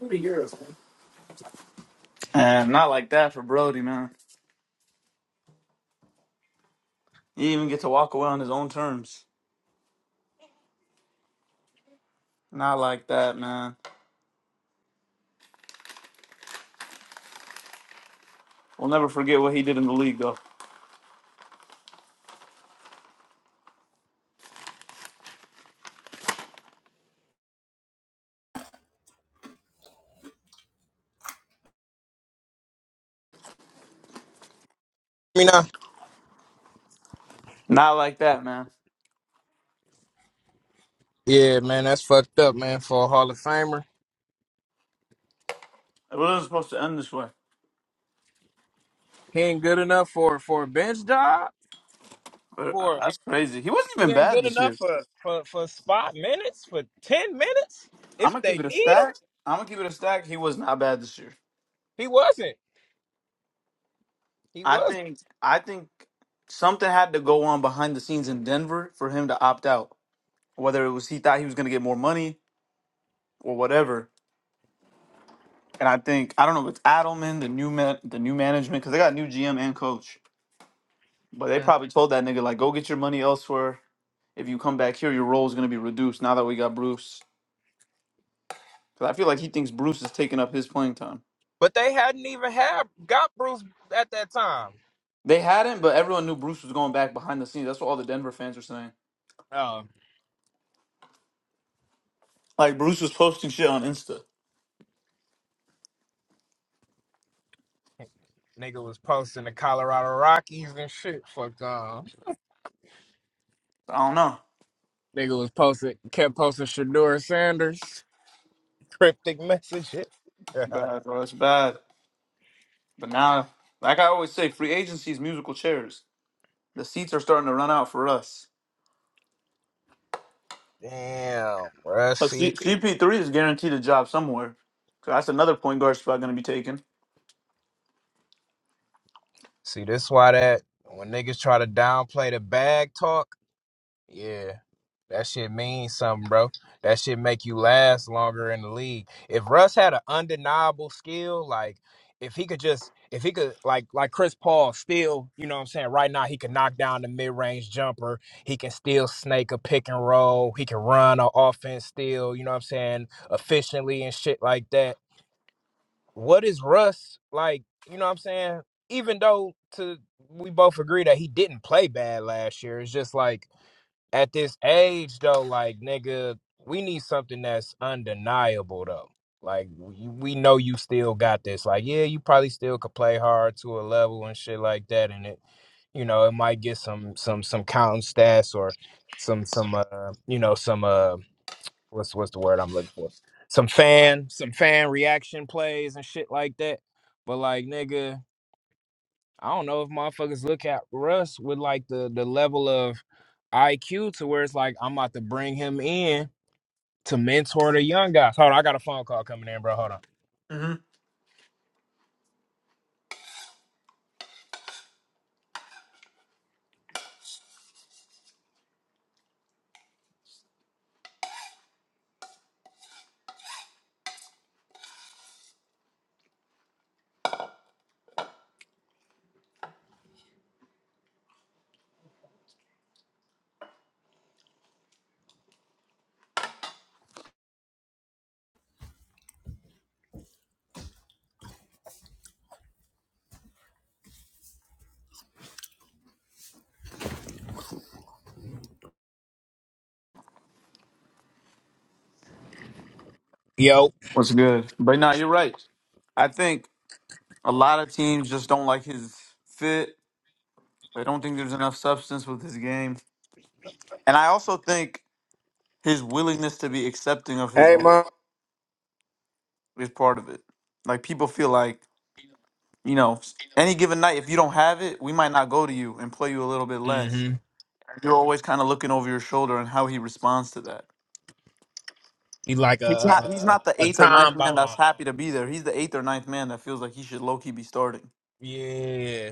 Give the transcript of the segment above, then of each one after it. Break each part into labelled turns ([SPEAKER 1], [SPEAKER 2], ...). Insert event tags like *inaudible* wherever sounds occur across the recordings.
[SPEAKER 1] What are yours, man? And not like that for Brody, man. He even get to walk away on his own terms. Not like that, man. We'll never forget what he did in the league, though.
[SPEAKER 2] me now?
[SPEAKER 1] Not like that, man.
[SPEAKER 2] Yeah, man, that's fucked up, man. For a Hall of Famer,
[SPEAKER 1] It wasn't supposed to end this way.
[SPEAKER 2] he ain't good enough for for a bench job.
[SPEAKER 1] But
[SPEAKER 2] For
[SPEAKER 1] that's crazy. He wasn't
[SPEAKER 2] he
[SPEAKER 1] even
[SPEAKER 2] ain't
[SPEAKER 1] bad
[SPEAKER 2] good
[SPEAKER 1] this year.
[SPEAKER 2] enough for for for spot minutes for ten minutes
[SPEAKER 1] I'm
[SPEAKER 2] if
[SPEAKER 1] gonna
[SPEAKER 2] they
[SPEAKER 1] keep it a
[SPEAKER 2] need him.
[SPEAKER 1] stack. I'm gonna keep it a stack. He was not bad this year.
[SPEAKER 2] He wasn't. He
[SPEAKER 1] I
[SPEAKER 2] was.
[SPEAKER 1] think. I think something had to go on behind the scenes in Denver for him to opt out. Whether it was he thought he was gonna get more money or whatever And I think I don't know if it's Adelman, the new man, the new management, because they got new GM and coach. But they
[SPEAKER 2] not
[SPEAKER 1] probably told that nigga like, go get your money elsewhere. If you come back here, your role is gonna be reduced. Now that we got Bruce, because I feel like he thinks Bruce is taking up his playing time.
[SPEAKER 2] But they hadn't even had got Bruce at that time.
[SPEAKER 1] They hadn't, but everyone knew Bruce was going back behind the scenes. That's what all the Denver fans were saying.
[SPEAKER 2] Oh,
[SPEAKER 1] Like Bruce was posting shit on Insta.
[SPEAKER 2] nigga was posting the Colorado Rockies and shit. Fuck um,
[SPEAKER 1] I don't know.
[SPEAKER 2] nigga was posting kept posting Shador Sanders cryptic messages.
[SPEAKER 1] It's bad, bro. It's bad. But now, like I always say, free agency is musical chairs. The seats are starting to run out for us.
[SPEAKER 2] *laughs* Damn, bruh.
[SPEAKER 1] But
[SPEAKER 2] See,
[SPEAKER 1] C- CP3 is guaranteed a job somewhere. So that's another point guard spot going to be taken.
[SPEAKER 2] See, this why that when niggas try to downplay the bag talk, yeah, that shit means something, bro. That shit make you last longer in the league. If Russ had an undeniable skill, like if he could just, if he could, like, like Chris Paul, still, you know what I'm saying. Right now, he can knock down the mid range jumper. He can still snake a pick and roll. He can run an offense still, you know what I'm saying, efficiently and shit like that what is Russ like? You know what I'm saying? Even though to we both agree that he didn't play bad last year, it's just like at this age though, like nigga, we need something that's undeniable though. Like we, we know you still got this. Like yeah, you probably still could play hard to a level and shit like that, and it you know it might get some some some counting stats or some some uh you know some uh what's what's the word I'm looking for? Some fan, some fan reaction plays and shit like that. But like nigga, I don't know if motherfuckers look at Russ with like the the level of IQ to where it's like I'm about to bring him in to mentor the young guys. Hold on, I got a phone call coming in, bro. Hold on.
[SPEAKER 1] hmm
[SPEAKER 2] Yo.
[SPEAKER 1] What's good? But no, you're right. I think a lot of teams just don't like his fit. They don't think there's enough substance with his game. And I also think his willingness to be accepting of his
[SPEAKER 2] Hey,
[SPEAKER 1] role
[SPEAKER 2] mom.
[SPEAKER 1] is part of it. Like people feel like, you know, any given night, if you don't have it, we might not go to you and play you a little bit less.
[SPEAKER 2] Mm-hmm.
[SPEAKER 1] You're always kind of looking over your shoulder and how he responds to that.
[SPEAKER 2] He's like
[SPEAKER 1] He's not,
[SPEAKER 2] a,
[SPEAKER 1] he's
[SPEAKER 2] a
[SPEAKER 1] not the
[SPEAKER 2] a
[SPEAKER 1] eighth or ninth
[SPEAKER 2] time
[SPEAKER 1] man that's
[SPEAKER 2] bomb.
[SPEAKER 1] happy to be there. He's the eighth or ninth man that feels like he should low key be starting.
[SPEAKER 2] Yeah.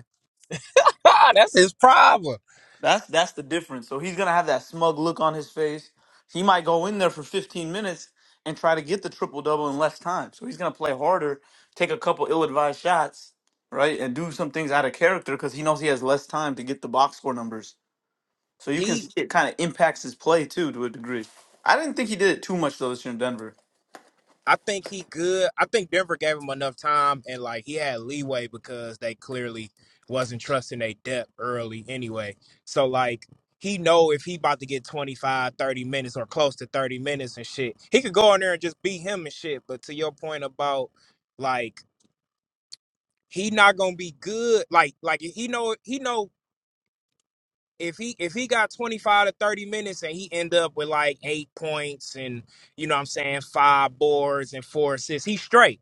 [SPEAKER 2] *laughs* That's his problem.
[SPEAKER 1] That's that's the difference. So he's gonna have that smug look on his face. He might go in there for 15 minutes and try to get the triple double in less time. So he's gonna play harder, take a couple ill advised shots, right, and do some things out of character because he knows he has less time to get the box score numbers. So you can
[SPEAKER 2] He,
[SPEAKER 1] see it kind of impacts his play too to a degree. I didn't think he did it too much though this year in Denver.
[SPEAKER 2] I think he good. I think Denver gave him enough time and like he had leeway because they clearly wasn't trusting their depth early anyway. So like he know if he about to get 25, 30 minutes or close to 30 minutes and shit, he could go in there and just beat him and shit. But to your point about like he not gonna be good, like like he know he know if he if he got 25 to 30 minutes and he end up with like eight points and you know what I'm saying five boards and four assists, he's straight.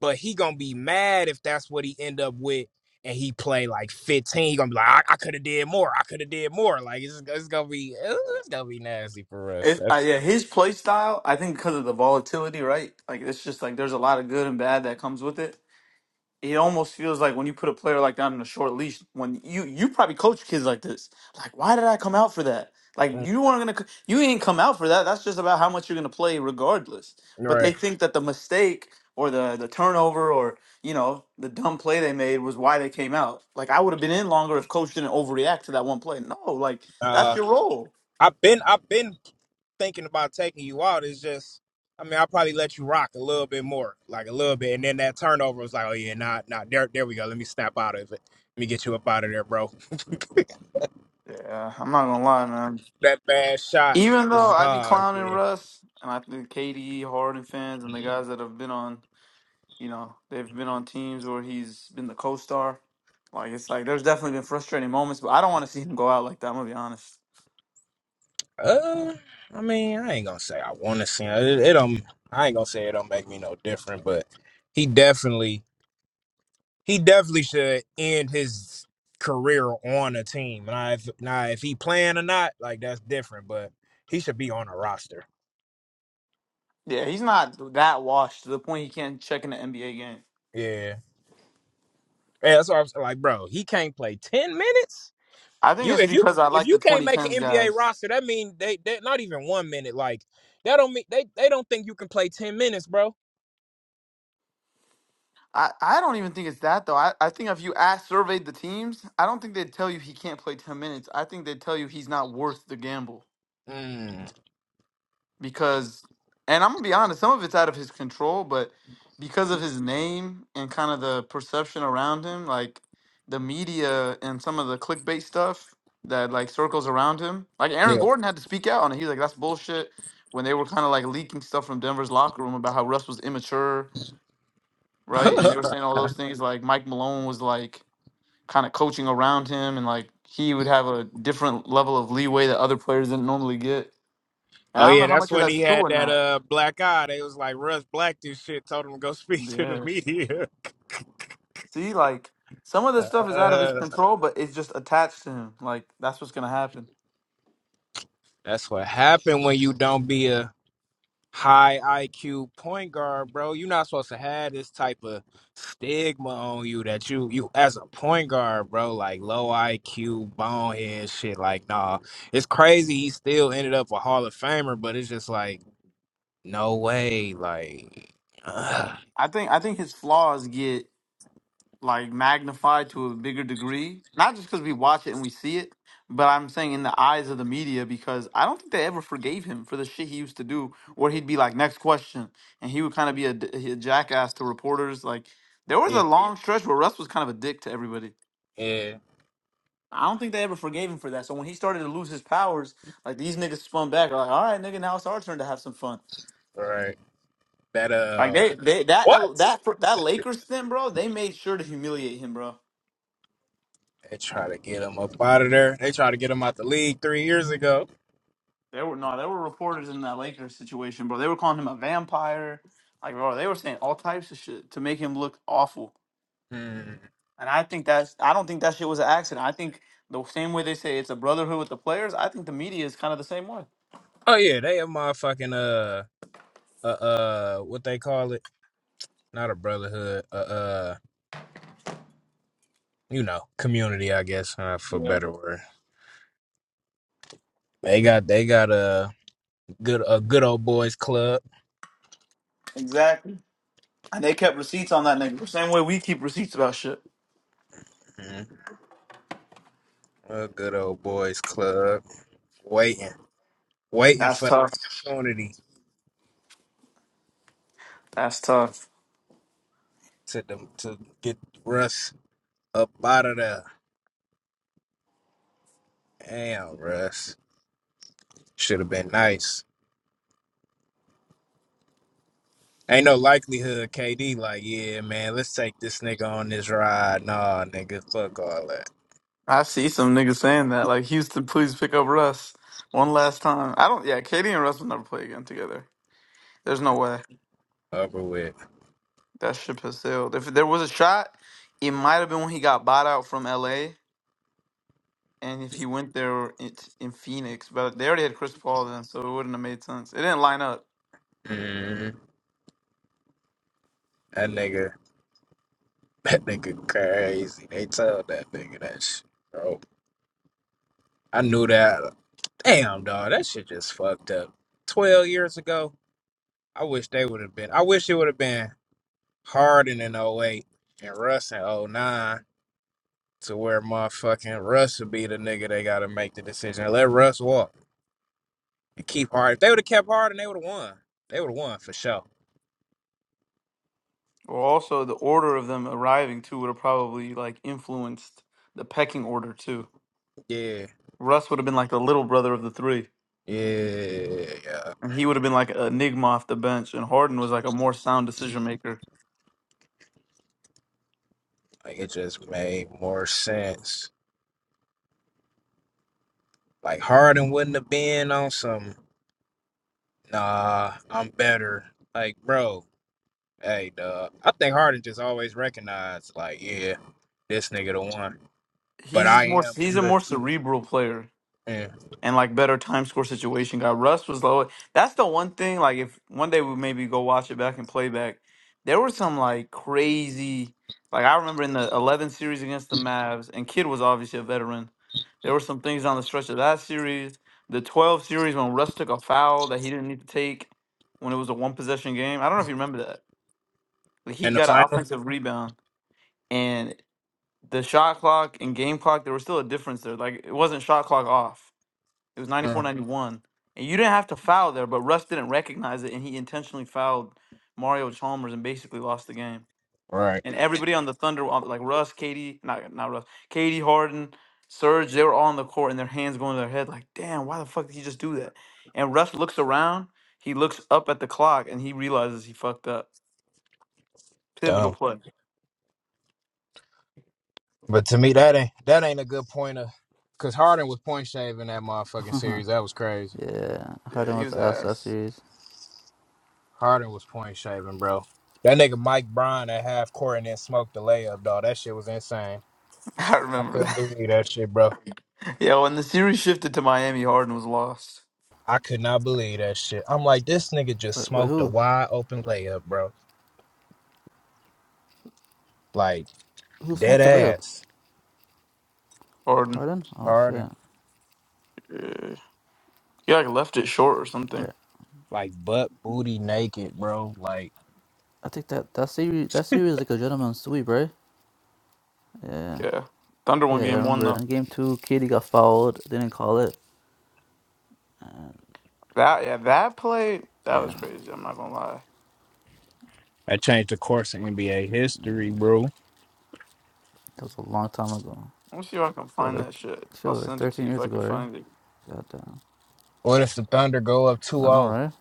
[SPEAKER 2] But he gonna be mad if that's what he end up with and he play like 15. He gonna be like, I, I could have did more. I could have did more. Like it's, it's gonna be it's gonna be nasty for us.
[SPEAKER 1] If,
[SPEAKER 2] That's
[SPEAKER 1] uh, yeah, his play style, I think because of the volatility, right? Like it's just like there's a lot of good and bad that comes with it. It almost feels like when you put a player like that on a short leash, when you you probably coach kids like this, like why did I come out for that? Like
[SPEAKER 2] Mm,
[SPEAKER 1] you weren't gonna, c- you ain't come out for that. That's just about how much you're gonna play, regardless. But they
[SPEAKER 2] right.
[SPEAKER 1] think that the mistake or the the turnover or you know the dumb play they made was why they came out. Like I would have been in longer if coach didn't overreact to that one play. No, like that's
[SPEAKER 2] Uh,
[SPEAKER 1] your role.
[SPEAKER 2] I've been I've been thinking about taking you out. It's just, I mean, I'll probably let you rock a little bit more, like a little bit. And then that turnover was like, oh, yeah, nah, nah, there, there we go. Let me snap out of it. Let me get you up out of there, bro. *laughs*
[SPEAKER 1] Yeah, I'm not gonna lie, man.
[SPEAKER 2] that bad shot
[SPEAKER 1] Even though
[SPEAKER 2] was,
[SPEAKER 1] I be
[SPEAKER 2] uh,
[SPEAKER 1] clowning
[SPEAKER 2] yeah.
[SPEAKER 1] Russ, and I think KDE Harden fans and the guys that have been on, you know, they've been on teams where he's been the co-star. Like it's like there's definitely been frustrating moments, but I don't want to see him go out like that. I'm gonna be honest.
[SPEAKER 2] Uh, I mean, I ain't gonna say I want to see it. It, don't, I ain't gonna say it don't make me no different, but he definitely, he definitely should end his career on a team. Now, if, now, if he playing or not, like that's different, but he should be on a roster.
[SPEAKER 1] Yeah, he's not that washed to the point he can't check in an NBA game.
[SPEAKER 2] Yeah. Yeah, that's what I'm saying. Like, bro, he can't play ten minutes.
[SPEAKER 1] I think
[SPEAKER 2] You
[SPEAKER 1] it's
[SPEAKER 2] if you
[SPEAKER 1] because I
[SPEAKER 2] if
[SPEAKER 1] like the
[SPEAKER 2] you can't make
[SPEAKER 1] 2010s
[SPEAKER 2] an NBA
[SPEAKER 1] guys.
[SPEAKER 2] roster, that mean they they not even one minute. Like that don't mean they they don't think you can play ten minutes, bro.
[SPEAKER 1] I, I don't even think it's that though. I, I think if you asked surveyed the teams, I don't think they'd tell you he can't play 10 minutes. I think they'd tell you he's not worth the gamble.
[SPEAKER 2] Mm,
[SPEAKER 1] because and I'm gonna be honest, some of it's out of his control, but because of his name and kind of the perception around him, like the media and some of the clickbait stuff that like circles around him, like Aaron
[SPEAKER 2] yeah.
[SPEAKER 1] Gordon had to speak out on it. He's like, that's bullshit. When they were kind of like leaking stuff from Denver's locker room about how Russ was immature,
[SPEAKER 2] *laughs*
[SPEAKER 1] right? And they were
[SPEAKER 2] oh
[SPEAKER 1] saying all those things like Mike Malone was like kind of coaching around him and like he would have a different level of leeway that other players didn't normally get. And I don't
[SPEAKER 2] yeah,
[SPEAKER 1] know how
[SPEAKER 2] that's
[SPEAKER 1] much of
[SPEAKER 2] when
[SPEAKER 1] that's
[SPEAKER 2] he
[SPEAKER 1] true
[SPEAKER 2] had
[SPEAKER 1] or
[SPEAKER 2] that
[SPEAKER 1] not.
[SPEAKER 2] uh black eye. They was like Russ Black this shit told him to go *laughs* speak to the
[SPEAKER 1] Yeah.
[SPEAKER 2] media. *laughs*
[SPEAKER 1] See, like some of the stuff is out of his
[SPEAKER 2] Uh,
[SPEAKER 1] control, but it's just attached to him. Like that's what's gonna happen.
[SPEAKER 2] that's what happened when you don't be a high IQ point guard, bro. You're not supposed to have this type of stigma on you that you you as a point guard, bro, like low IQ, bonehead shit. Like, nah. It's crazy he still ended up a Hall of Famer, but it's just like, no way. Like *sighs* ugh.
[SPEAKER 1] I think I think his flaws get like magnified to a bigger degree, not just because we watch it and we see it, but I'm saying in the eyes of the media because I don't think they ever forgave him for the shit he used to do, where he'd be like, "Next question," and he would kind of be a, d- a jackass to reporters. Like there was
[SPEAKER 2] yeah,
[SPEAKER 1] a long stretch where Russ was kind of a dick to everybody.
[SPEAKER 2] yeah,
[SPEAKER 1] I don't think they ever forgave him for that. So when he started to lose his powers, like these niggas spun back, like, all right, nigga, now it's our turn to have some fun.
[SPEAKER 2] right. That
[SPEAKER 1] Like
[SPEAKER 2] uh
[SPEAKER 1] they, they that
[SPEAKER 2] what?
[SPEAKER 1] that that Lakers thing, bro. They made sure to humiliate him, bro.
[SPEAKER 2] They try to get him up out of there. They try to get him out the league three years ago.
[SPEAKER 1] There were no, there were reporters in that Lakers situation, bro. They were calling him a vampire, like bro. They were saying all types of shit to make him look awful.
[SPEAKER 2] Hmm.
[SPEAKER 1] And I think that's, I don't think that shit was an accident. I think the same way they say it's a brotherhood with the players, I think the media is kind of the same way.
[SPEAKER 2] Oh yeah, they a motherfucking uh uh, uh what they call it not a brotherhood, a uh, uh, you know, community, I guess, uh, for
[SPEAKER 1] Yeah,
[SPEAKER 2] better word. They got they got a good a good old boys club,
[SPEAKER 1] exactly. And they kept receipts on that nigga, the same way we keep receipts about shit.
[SPEAKER 2] Mhm. a good old boys club, waiting waiting
[SPEAKER 1] That's
[SPEAKER 2] for the
[SPEAKER 1] tough.
[SPEAKER 2] opportunity
[SPEAKER 1] That's tough.
[SPEAKER 2] to dem- to get Russ up out of there. Damn, Russ should have been nice. Ain't no likelihood, KD. Like, yeah, man, let's take this nigga on this ride. Nah, nigga, fuck all that.
[SPEAKER 1] I see some niggas saying that. Like Houston, please pick up Russ one last time. I don't. Yeah, Katie and Russ will never play again together. There's no way
[SPEAKER 2] Over with.
[SPEAKER 1] that ship has sailed. If there was a shot, it might have been when he got bought out from L.A. And if he went there it's in Phoenix, but they already had Chris Paul then, so it wouldn't have made sense. It didn't line up.
[SPEAKER 2] Mhm. That
[SPEAKER 1] Yeah.
[SPEAKER 2] nigga. *laughs* That nigga crazy. They told that nigga that shit, bro. I knew that. Damn, dog. That shit just fucked up. 12 years ago, I wish they would have been. I wish it would have been Harden in '08 and Russ in '09 to where motherfucking Russ would be the nigga they got to make the decision. and Let Russ walk and keep Harden. If they would have kept Harden, they would have won. They would have won for sure.
[SPEAKER 1] Well, also the order of them arriving too would have probably like influenced the pecking order too.
[SPEAKER 2] Yeah.
[SPEAKER 1] Russ would have been like the little brother of the three.
[SPEAKER 2] Yeah. Yeah.
[SPEAKER 1] And he would have been like an enigma off the bench, and Harden was like a more sound decision maker.
[SPEAKER 2] Like, it just made more sense. Like, Harden wouldn't have been on some. Nah, I'm better. Like, bro, hey, duh. I think Harden just always recognized, like, yeah, this nigga the one. But
[SPEAKER 1] He's just
[SPEAKER 2] I
[SPEAKER 1] more
[SPEAKER 2] am
[SPEAKER 1] he's a
[SPEAKER 2] good
[SPEAKER 1] more
[SPEAKER 2] too.
[SPEAKER 1] cerebral player
[SPEAKER 2] Yeah.
[SPEAKER 1] and like better time score situation guy. Russ was low. That's the one thing. Like if one day we maybe go watch it back and play back, there were some like crazy. Like I remember in the 11 series against the Mavs, and Kid was obviously a veteran. There were some things on the stretch of that series, the 12 series when Russ took a foul that he didn't need to take when it was a one possession game. I don't know if you remember that. Like he
[SPEAKER 2] In the
[SPEAKER 1] got an
[SPEAKER 2] final?
[SPEAKER 1] offensive rebound. and the shot clock and game clock there was still a difference there like it wasn't shot clock off it was ninety four,
[SPEAKER 2] Mm.
[SPEAKER 1] 91, and you didn't have to foul there but russ didn't recognize it and he intentionally fouled mario chalmers and basically lost the game
[SPEAKER 2] Right.
[SPEAKER 1] and everybody on the thunder on- like russ katie not not russ katie harden Serge, they were all on the court and their hands going to their head like damn why the fuck did he just do that and russ looks around he looks up at the clock and he realizes he fucked up pivotal
[SPEAKER 2] Dumb.
[SPEAKER 1] play
[SPEAKER 2] But to me, that ain't that ain't a good pointer. Cause Harden was point shaving that motherfucking
[SPEAKER 3] Uh Huh.
[SPEAKER 2] series. That was crazy.
[SPEAKER 3] Yeah.
[SPEAKER 1] yeah
[SPEAKER 3] Harden
[SPEAKER 1] he
[SPEAKER 3] was
[SPEAKER 1] was
[SPEAKER 3] asked that
[SPEAKER 1] ass
[SPEAKER 3] series.
[SPEAKER 2] Harden was point shaving, bro. That nigga Mike Bryan at half court and then smoked the layup, dog. That shit was insane.
[SPEAKER 1] *laughs* i
[SPEAKER 2] I
[SPEAKER 1] remember
[SPEAKER 2] couldn't believe that shit, bro.
[SPEAKER 1] Yeah, when the series shifted to Miami, Harden was lost.
[SPEAKER 2] I could not believe that shit. I'm like, this nigga just
[SPEAKER 3] Wait, wait
[SPEAKER 2] smoked a
[SPEAKER 3] who?
[SPEAKER 2] wide open layup, bro. Like
[SPEAKER 3] Who
[SPEAKER 2] dead
[SPEAKER 3] smoked the lip?
[SPEAKER 2] ass,
[SPEAKER 1] Harden,
[SPEAKER 3] Harden? Oh
[SPEAKER 2] harder,
[SPEAKER 3] shit.
[SPEAKER 1] yeah, he like left it short or
[SPEAKER 3] There.
[SPEAKER 1] something.
[SPEAKER 2] like butt booty naked, bro. Like,
[SPEAKER 3] I think that that series that series is like a gentleman's sweep, right? Yeah.
[SPEAKER 1] Yeah, Thunder won
[SPEAKER 3] Yeah, yeah, I
[SPEAKER 1] game one
[SPEAKER 3] remember.
[SPEAKER 1] though.
[SPEAKER 3] In game two, Katie got fouled. They didn't call it. And
[SPEAKER 1] That yeah, that play that
[SPEAKER 3] yeah.
[SPEAKER 1] was crazy. I'm not gonna lie.
[SPEAKER 2] That changed the course of NBA history,
[SPEAKER 3] mm,
[SPEAKER 2] bro.
[SPEAKER 3] That was a long time ago.
[SPEAKER 1] Let me see if I can
[SPEAKER 3] That was
[SPEAKER 1] find
[SPEAKER 3] like
[SPEAKER 1] that shit.
[SPEAKER 3] shit
[SPEAKER 1] I'll
[SPEAKER 3] was like
[SPEAKER 1] send it to
[SPEAKER 3] thirteen
[SPEAKER 1] you if
[SPEAKER 3] years
[SPEAKER 1] I can
[SPEAKER 3] ago, right?
[SPEAKER 1] find it.
[SPEAKER 3] God damn.
[SPEAKER 2] what if the Thunder go up two
[SPEAKER 3] I know,
[SPEAKER 2] zero?
[SPEAKER 3] right?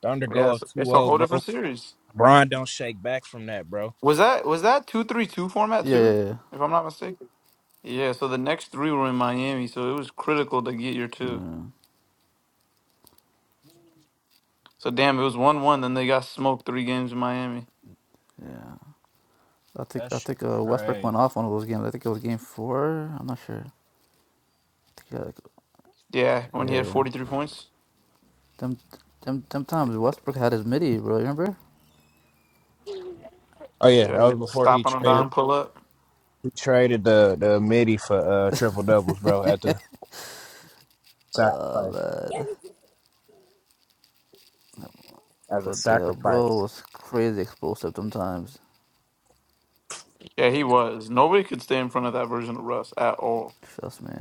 [SPEAKER 2] Thunder
[SPEAKER 1] Yeah,
[SPEAKER 2] go
[SPEAKER 1] it's,
[SPEAKER 2] up two
[SPEAKER 1] it's a
[SPEAKER 2] zero,
[SPEAKER 1] whole
[SPEAKER 2] bro.
[SPEAKER 1] different series.
[SPEAKER 2] Bron don't shake back from that, bro.
[SPEAKER 1] Was that was that two three two format
[SPEAKER 3] Yeah,
[SPEAKER 1] too?
[SPEAKER 3] yeah, yeah.
[SPEAKER 1] If I'm not mistaken. Yeah. So the next three were in Miami, so it was critical to get your two.
[SPEAKER 3] Yeah.
[SPEAKER 1] So damn, it was one one. Then they got smoked three games in Miami.
[SPEAKER 3] yeah. I think
[SPEAKER 2] That
[SPEAKER 3] I
[SPEAKER 2] shit
[SPEAKER 3] think uh, Westbrook went
[SPEAKER 2] crazy.
[SPEAKER 3] off one of those games. I think it was game four. I'm not sure. I think he had like,
[SPEAKER 1] Yeah, when he had
[SPEAKER 3] yeah, yeah.
[SPEAKER 1] 43 points.
[SPEAKER 3] Them, them, them times Westbrook had his midi, bro. Remember?
[SPEAKER 2] Oh
[SPEAKER 1] Yeah,
[SPEAKER 2] yeah, that
[SPEAKER 1] he had
[SPEAKER 2] was
[SPEAKER 1] to
[SPEAKER 2] before he
[SPEAKER 1] stop on a
[SPEAKER 3] Yep.
[SPEAKER 2] traded.
[SPEAKER 1] dime pull up.
[SPEAKER 2] He traded the the midi for uh triple doubles, bro. At the sacrifice,
[SPEAKER 3] Uh, man.
[SPEAKER 2] as a
[SPEAKER 3] But yeah, bro
[SPEAKER 2] sacrifice.
[SPEAKER 3] was crazy explosive sometimes.
[SPEAKER 1] Yeah, he was. Nobody could stay in front of that version of Russ at all.
[SPEAKER 3] Trust me.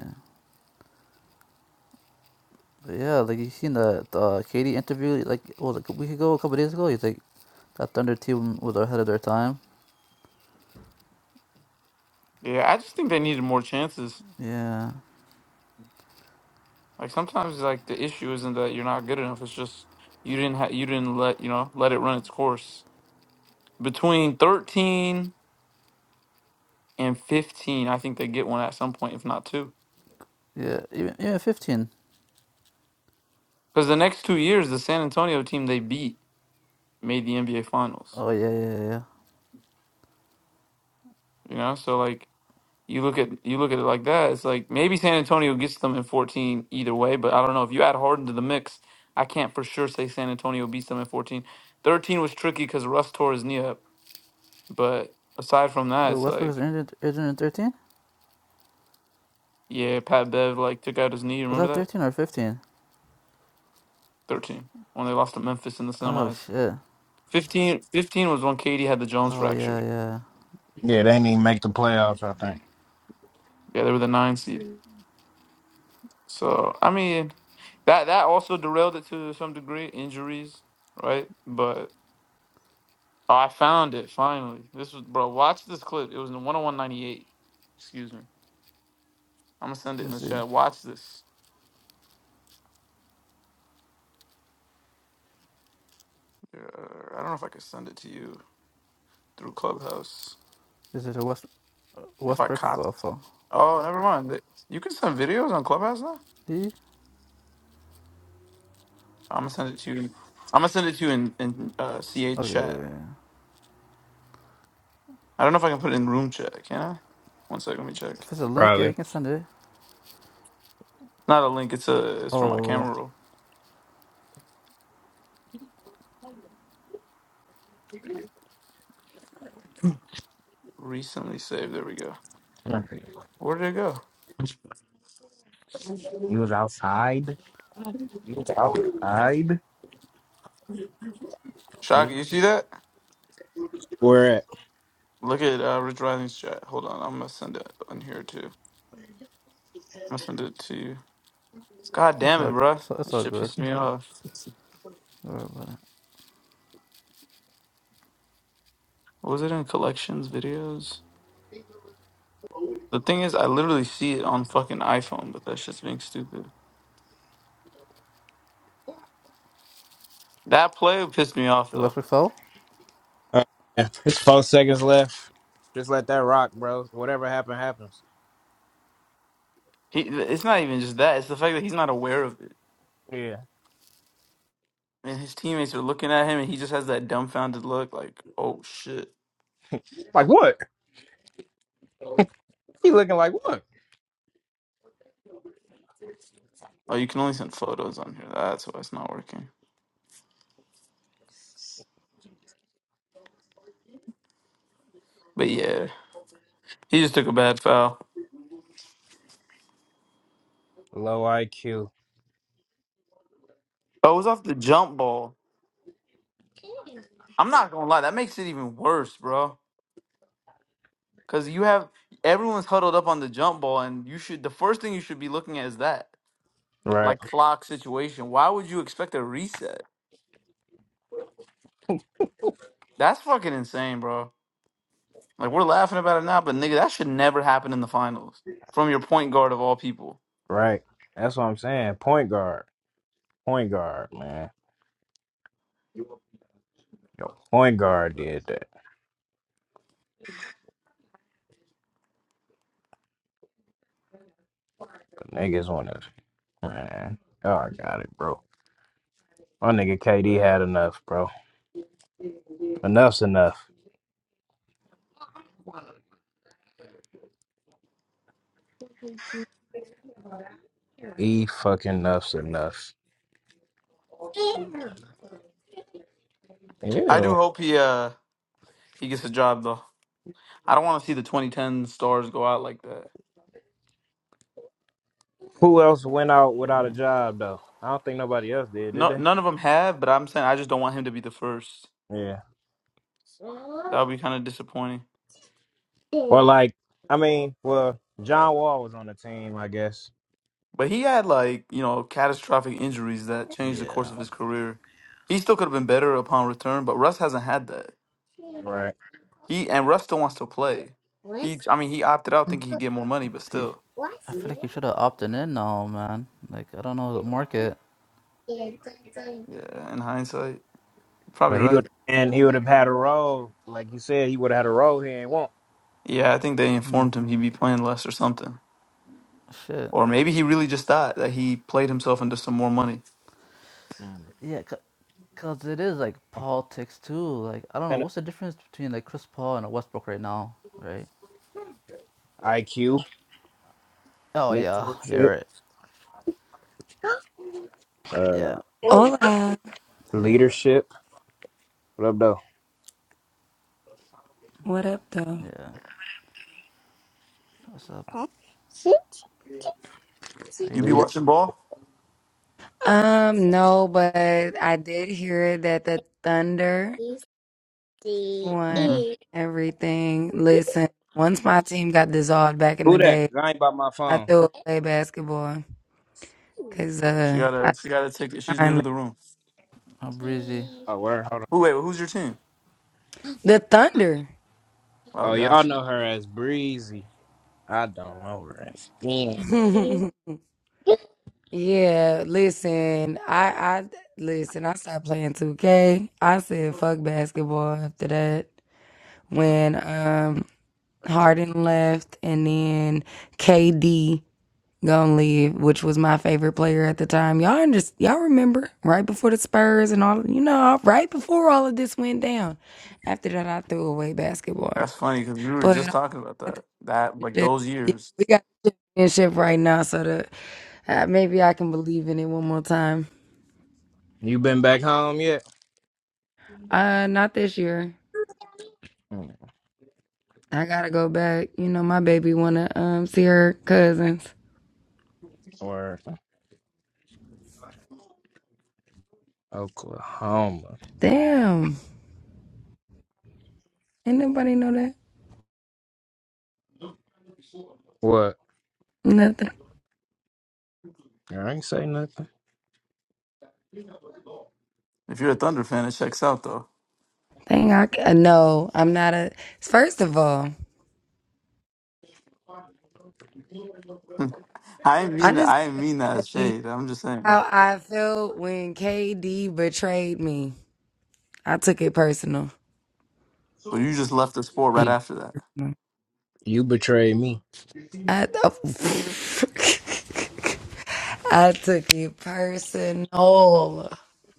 [SPEAKER 3] But yeah, like you seen the uh, Katie interview, like what was it, a week ago, a couple days ago. He's like that Thunder team was ahead of their time.
[SPEAKER 1] Yeah, I just think they needed more chances.
[SPEAKER 3] Yeah,
[SPEAKER 1] Like sometimes, like the issue isn't that you're not good enough. It's just you didn't ha- you didn't let you know let it run its course. Between thirteen and fifteen, I think they get one at some point, if not two.
[SPEAKER 3] yeah, even, even fifteen.
[SPEAKER 1] Because the next two years, the San Antonio team they beat made the NBA Finals.
[SPEAKER 3] Oh yeah, yeah, yeah. yeah.
[SPEAKER 1] You know, so like You look at you look at it like that. It's like maybe San Antonio gets them in 14 either way, but I don't know if you add Harden to the mix. I can't for sure say San Antonio beats them in 14. 13 was tricky because Russ tore his knee up, but aside from that,
[SPEAKER 3] Wait,
[SPEAKER 1] it's
[SPEAKER 3] Westbrook is
[SPEAKER 1] like
[SPEAKER 3] injured injured in thirteen.
[SPEAKER 1] yeah, Pat Bev like took out his knee.
[SPEAKER 3] Was
[SPEAKER 1] Remember
[SPEAKER 3] that
[SPEAKER 1] that
[SPEAKER 3] thirteen or fifteen?
[SPEAKER 1] 13 when they lost to Memphis in the
[SPEAKER 3] Oh
[SPEAKER 1] semis.
[SPEAKER 3] shit.
[SPEAKER 1] 15, 15 was when Katie had the Jones
[SPEAKER 3] Oh
[SPEAKER 1] fracture.
[SPEAKER 3] yeah, yeah.
[SPEAKER 2] Yeah, they didn't even make the playoffs. I think.
[SPEAKER 1] Yeah, they were the nine seed. So I mean, that that also derailed it to some degree, injuries, right? But Oh, I found it finally. This was bro. Watch this clip. It was in one hundred one ninety eight. Excuse me. I'm gonna send
[SPEAKER 3] Let
[SPEAKER 1] it
[SPEAKER 3] me
[SPEAKER 1] in the
[SPEAKER 3] see.
[SPEAKER 1] chat. Watch this. Uh, I don't know if I can send it to you through Clubhouse.
[SPEAKER 3] This Is it a West
[SPEAKER 1] If I
[SPEAKER 3] Westbrook
[SPEAKER 1] copy.
[SPEAKER 3] fall?
[SPEAKER 1] Oh, never mind. Th- You can send videos on Clubhouse now. I'm gonna send it to you. I'm gonna send it to you in in uh, CH chat.
[SPEAKER 3] Okay.
[SPEAKER 1] I don't know if I can put it in room chat. Can I? One second. Let me check.
[SPEAKER 3] If it's a link, yeah, you
[SPEAKER 2] Probably.
[SPEAKER 3] can send it.
[SPEAKER 1] Not a link. It's a. It's from my
[SPEAKER 3] Oh,
[SPEAKER 1] camera roll. Recently saved. There we go.
[SPEAKER 2] You
[SPEAKER 1] Where did it go?
[SPEAKER 2] was outside. You was outside.
[SPEAKER 1] Shocky. You see that?
[SPEAKER 2] We're at.
[SPEAKER 1] Look at uh, Rich Rising's chat. Hold on, I'm gonna send it on here too. I'm gonna send it to you. God
[SPEAKER 3] that's
[SPEAKER 1] damn it,
[SPEAKER 3] all.
[SPEAKER 1] bro!
[SPEAKER 3] It's all, it's
[SPEAKER 1] That
[SPEAKER 3] all
[SPEAKER 1] shit
[SPEAKER 3] good.
[SPEAKER 1] pissed me off. Was it in collections videos? The thing is, I literally see it on fucking iPhone, but that shit's being stupid. That play pissed me off
[SPEAKER 3] The
[SPEAKER 1] though.
[SPEAKER 3] Westbrook fell.
[SPEAKER 2] Uh, yeah. It's four seconds left. Just let that rock, bro. Whatever happen happens.
[SPEAKER 1] He, it's not even just that. It's the fact that he's not aware of it,
[SPEAKER 2] Yeah.
[SPEAKER 1] and his teammates are looking at him, and he just has that dumbfounded look, like, "Oh shit."
[SPEAKER 2] Like what? He looking like what?
[SPEAKER 1] Oh, you can only send photos on here. That's why it's not working. But yeah, he just took a bad foul.
[SPEAKER 2] Low IQ.
[SPEAKER 1] Oh, it was off the jump ball. I'm not gonna lie, that makes it even worse, bro. Cause you have everyone's huddled up on the jump ball, and you should the first thing you should be looking at is that
[SPEAKER 2] Right.
[SPEAKER 1] like clock situation. Why would you expect a reset? That's fucking insane, bro. Like we're laughing about it now, but nigga, that should never happen in the finals from your point guard of all people.
[SPEAKER 2] Right. That's what I'm saying. Point guard. Point guard, man. Yo, point guard did that. The niggas want to, man. Oh, I got it, bro. My nigga KD had enough, bro. Enough's enough. E fucking enough's enough.
[SPEAKER 1] I do
[SPEAKER 2] Ew.
[SPEAKER 1] hope he uh he gets a job though. I don't want to see the 2010 stars go out like that.
[SPEAKER 2] Who else went out without a
[SPEAKER 3] Yeah.
[SPEAKER 2] job though? I don't think nobody else did, did
[SPEAKER 1] No,
[SPEAKER 2] they?
[SPEAKER 1] none of them have, but I'm saying I just don't want him to be the first.
[SPEAKER 2] Yeah.
[SPEAKER 1] That would be kind of disappointing.
[SPEAKER 2] Or like, I mean, well, John Wall was on the team, I guess.
[SPEAKER 1] But he had like you know catastrophic injuries that changed the
[SPEAKER 3] Yeah.
[SPEAKER 1] course of his career. He still could have been better upon return, but Russ hasn't had that.
[SPEAKER 2] Right.
[SPEAKER 1] He and Russ still wants to play. He, I mean, he opted out thinking he'd get more money, but
[SPEAKER 3] He.
[SPEAKER 1] still,
[SPEAKER 3] I feel like he should have opted in now, man. Like I don't know the market.
[SPEAKER 1] yeah. In hindsight, probably
[SPEAKER 2] But he would,
[SPEAKER 1] right.
[SPEAKER 2] and he would have had a role, like you said, he would have had a role he ain't want.
[SPEAKER 1] Yeah, I think they
[SPEAKER 3] Hmm.
[SPEAKER 1] informed him he'd be playing less or something,
[SPEAKER 3] Shit.
[SPEAKER 1] or maybe he really just thought that he played himself into some more money.
[SPEAKER 2] Mm.
[SPEAKER 3] Yeah. Cause it is like politics too. Like I don't know
[SPEAKER 2] Then
[SPEAKER 3] what's the difference between like Chris Paul and a Westbrook right now, right?
[SPEAKER 2] IQ,
[SPEAKER 3] Oh yeah. Yeah.
[SPEAKER 2] mentorship,
[SPEAKER 3] Right. Yeah.
[SPEAKER 2] uh,
[SPEAKER 4] Hola,
[SPEAKER 3] Hey.
[SPEAKER 2] leadership. What up though?
[SPEAKER 4] what up though?
[SPEAKER 3] Yeah. What's up? How you
[SPEAKER 1] You be
[SPEAKER 2] Leader.
[SPEAKER 3] doing?
[SPEAKER 1] watching ball?
[SPEAKER 4] Um, no, but I did hear that the Thunder won
[SPEAKER 1] Mm-hmm.
[SPEAKER 4] everything. Listen, once my team got dissolved back in the
[SPEAKER 2] Who that?
[SPEAKER 4] day,
[SPEAKER 2] 'Cause I ain't by my
[SPEAKER 4] I
[SPEAKER 2] phone.
[SPEAKER 4] threw away basketball because
[SPEAKER 1] She
[SPEAKER 4] uh,
[SPEAKER 1] got a
[SPEAKER 4] I
[SPEAKER 1] she got a ticket. She's new to
[SPEAKER 4] finally
[SPEAKER 1] the room.
[SPEAKER 3] I'm breezy.
[SPEAKER 2] Oh, where? Hold on.
[SPEAKER 1] Who wait? Who's your team?
[SPEAKER 4] the Thunder.
[SPEAKER 1] Oh,
[SPEAKER 2] Oh, y'all
[SPEAKER 1] gotcha.
[SPEAKER 2] know her as Breezy. I don't know her as.
[SPEAKER 4] *laughs* yeah, listen, I I listen. I stopped playing 2K. I said fuck basketball after that when um Harden left and then KD. Gonna live, which was my favorite player at the time. Y'all under, y'all remember right before the Spurs and all you know, right before all of this went down. After that, I threw away basketball.
[SPEAKER 1] That's funny because we were
[SPEAKER 4] But
[SPEAKER 1] just
[SPEAKER 4] I
[SPEAKER 1] talking about
[SPEAKER 4] got
[SPEAKER 1] that. That
[SPEAKER 4] the
[SPEAKER 1] like
[SPEAKER 4] championship.
[SPEAKER 1] those
[SPEAKER 4] Yeah,
[SPEAKER 1] years.
[SPEAKER 4] we got the championship right now, so that uh, maybe I can believe in it one more time.
[SPEAKER 2] You been back home yet?
[SPEAKER 4] Uh, not this year.
[SPEAKER 2] Mm.
[SPEAKER 4] I gotta go back. You know, my baby wanna um see her cousins.
[SPEAKER 2] Word. Oklahoma.
[SPEAKER 4] Damn, ain't nobody know that.
[SPEAKER 2] What?
[SPEAKER 4] Nothing.
[SPEAKER 2] I ain't say nothing.
[SPEAKER 1] If you're a Thunder fan, it checks out though.
[SPEAKER 4] Dang, I ca- no, I'm not a. First of all.
[SPEAKER 1] I didn't
[SPEAKER 4] I
[SPEAKER 1] mean that.
[SPEAKER 4] just
[SPEAKER 1] I didn't
[SPEAKER 4] wanna
[SPEAKER 1] mean that as
[SPEAKER 4] say
[SPEAKER 1] shade. I'm just saying.
[SPEAKER 4] how I felt when KD betrayed me. I took it personal.
[SPEAKER 1] So you just left the sport
[SPEAKER 4] I,
[SPEAKER 1] right
[SPEAKER 4] took
[SPEAKER 2] He,
[SPEAKER 1] after that.
[SPEAKER 4] it personal.
[SPEAKER 2] you betrayed me.
[SPEAKER 4] I, *laughs* I took it personal.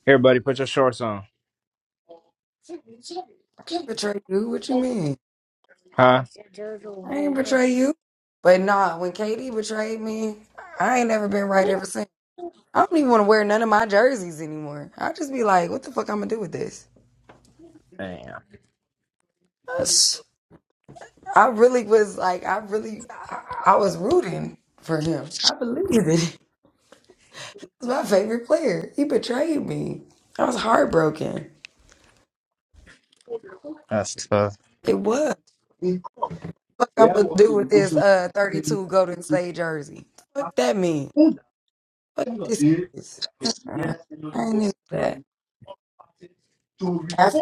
[SPEAKER 2] Here, buddy, put your shorts on.
[SPEAKER 4] Betray you? What you mean?
[SPEAKER 2] Huh?
[SPEAKER 4] I ain't betray you. But nah, when KD betrayed me, I ain't never been right ever since. I don't even want to wear none of my jerseys anymore. I just be like, what the fuck I'm gonna do with this?
[SPEAKER 2] Damn,
[SPEAKER 4] I really was like, I really, I, I was rooting for him. I believed it. *laughs* He was my favorite player. He betrayed me. I was heartbroken.
[SPEAKER 2] that's tough.
[SPEAKER 4] It was. Fuck, I'm gonna do with this uh 32 Golden State jersey. Fuck that mean. Fuck this is. Uh-uh. I ain't into that.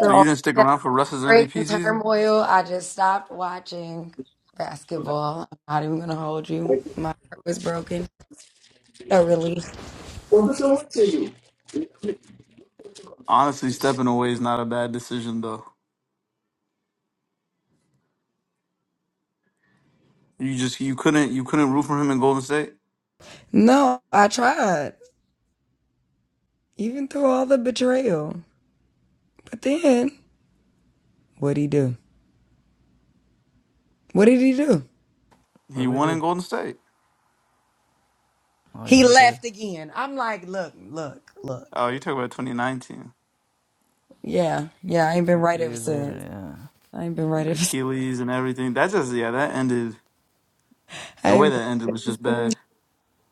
[SPEAKER 1] So you
[SPEAKER 4] all
[SPEAKER 1] didn't stick
[SPEAKER 4] that
[SPEAKER 1] around for Russ's
[SPEAKER 4] break
[SPEAKER 1] MVP
[SPEAKER 4] and
[SPEAKER 1] season.
[SPEAKER 4] turmoil, I just stopped watching basketball. I'm not even gonna hold you. My heart was broken. I really.
[SPEAKER 1] Honestly, stepping away is not a bad decision though. You just you couldn't you couldn't root for him in Golden State.
[SPEAKER 4] No, I tried. even through all the betrayal. But then, what'd he do? What did he do?
[SPEAKER 3] Wait,
[SPEAKER 1] He
[SPEAKER 3] what do
[SPEAKER 1] won
[SPEAKER 3] you
[SPEAKER 1] in
[SPEAKER 3] do?
[SPEAKER 1] Golden State.
[SPEAKER 3] Oh
[SPEAKER 4] He
[SPEAKER 3] yeah, you did.
[SPEAKER 4] left again. I'm like, look, look, look.
[SPEAKER 1] Oh, you talk about 2019,
[SPEAKER 4] Yeah, yeah, I ain't been
[SPEAKER 3] Uh,
[SPEAKER 4] right
[SPEAKER 3] three
[SPEAKER 4] ever
[SPEAKER 3] years later.
[SPEAKER 4] since.
[SPEAKER 3] Yeah.
[SPEAKER 4] I ain't been right
[SPEAKER 1] the
[SPEAKER 4] ever since.
[SPEAKER 1] Achilles and everything. That just yeah, that ended.
[SPEAKER 4] *laughs* I
[SPEAKER 1] The way
[SPEAKER 4] ain't
[SPEAKER 1] that
[SPEAKER 4] been
[SPEAKER 1] ended
[SPEAKER 4] right
[SPEAKER 1] was
[SPEAKER 4] ever
[SPEAKER 1] just
[SPEAKER 4] since.
[SPEAKER 1] bad.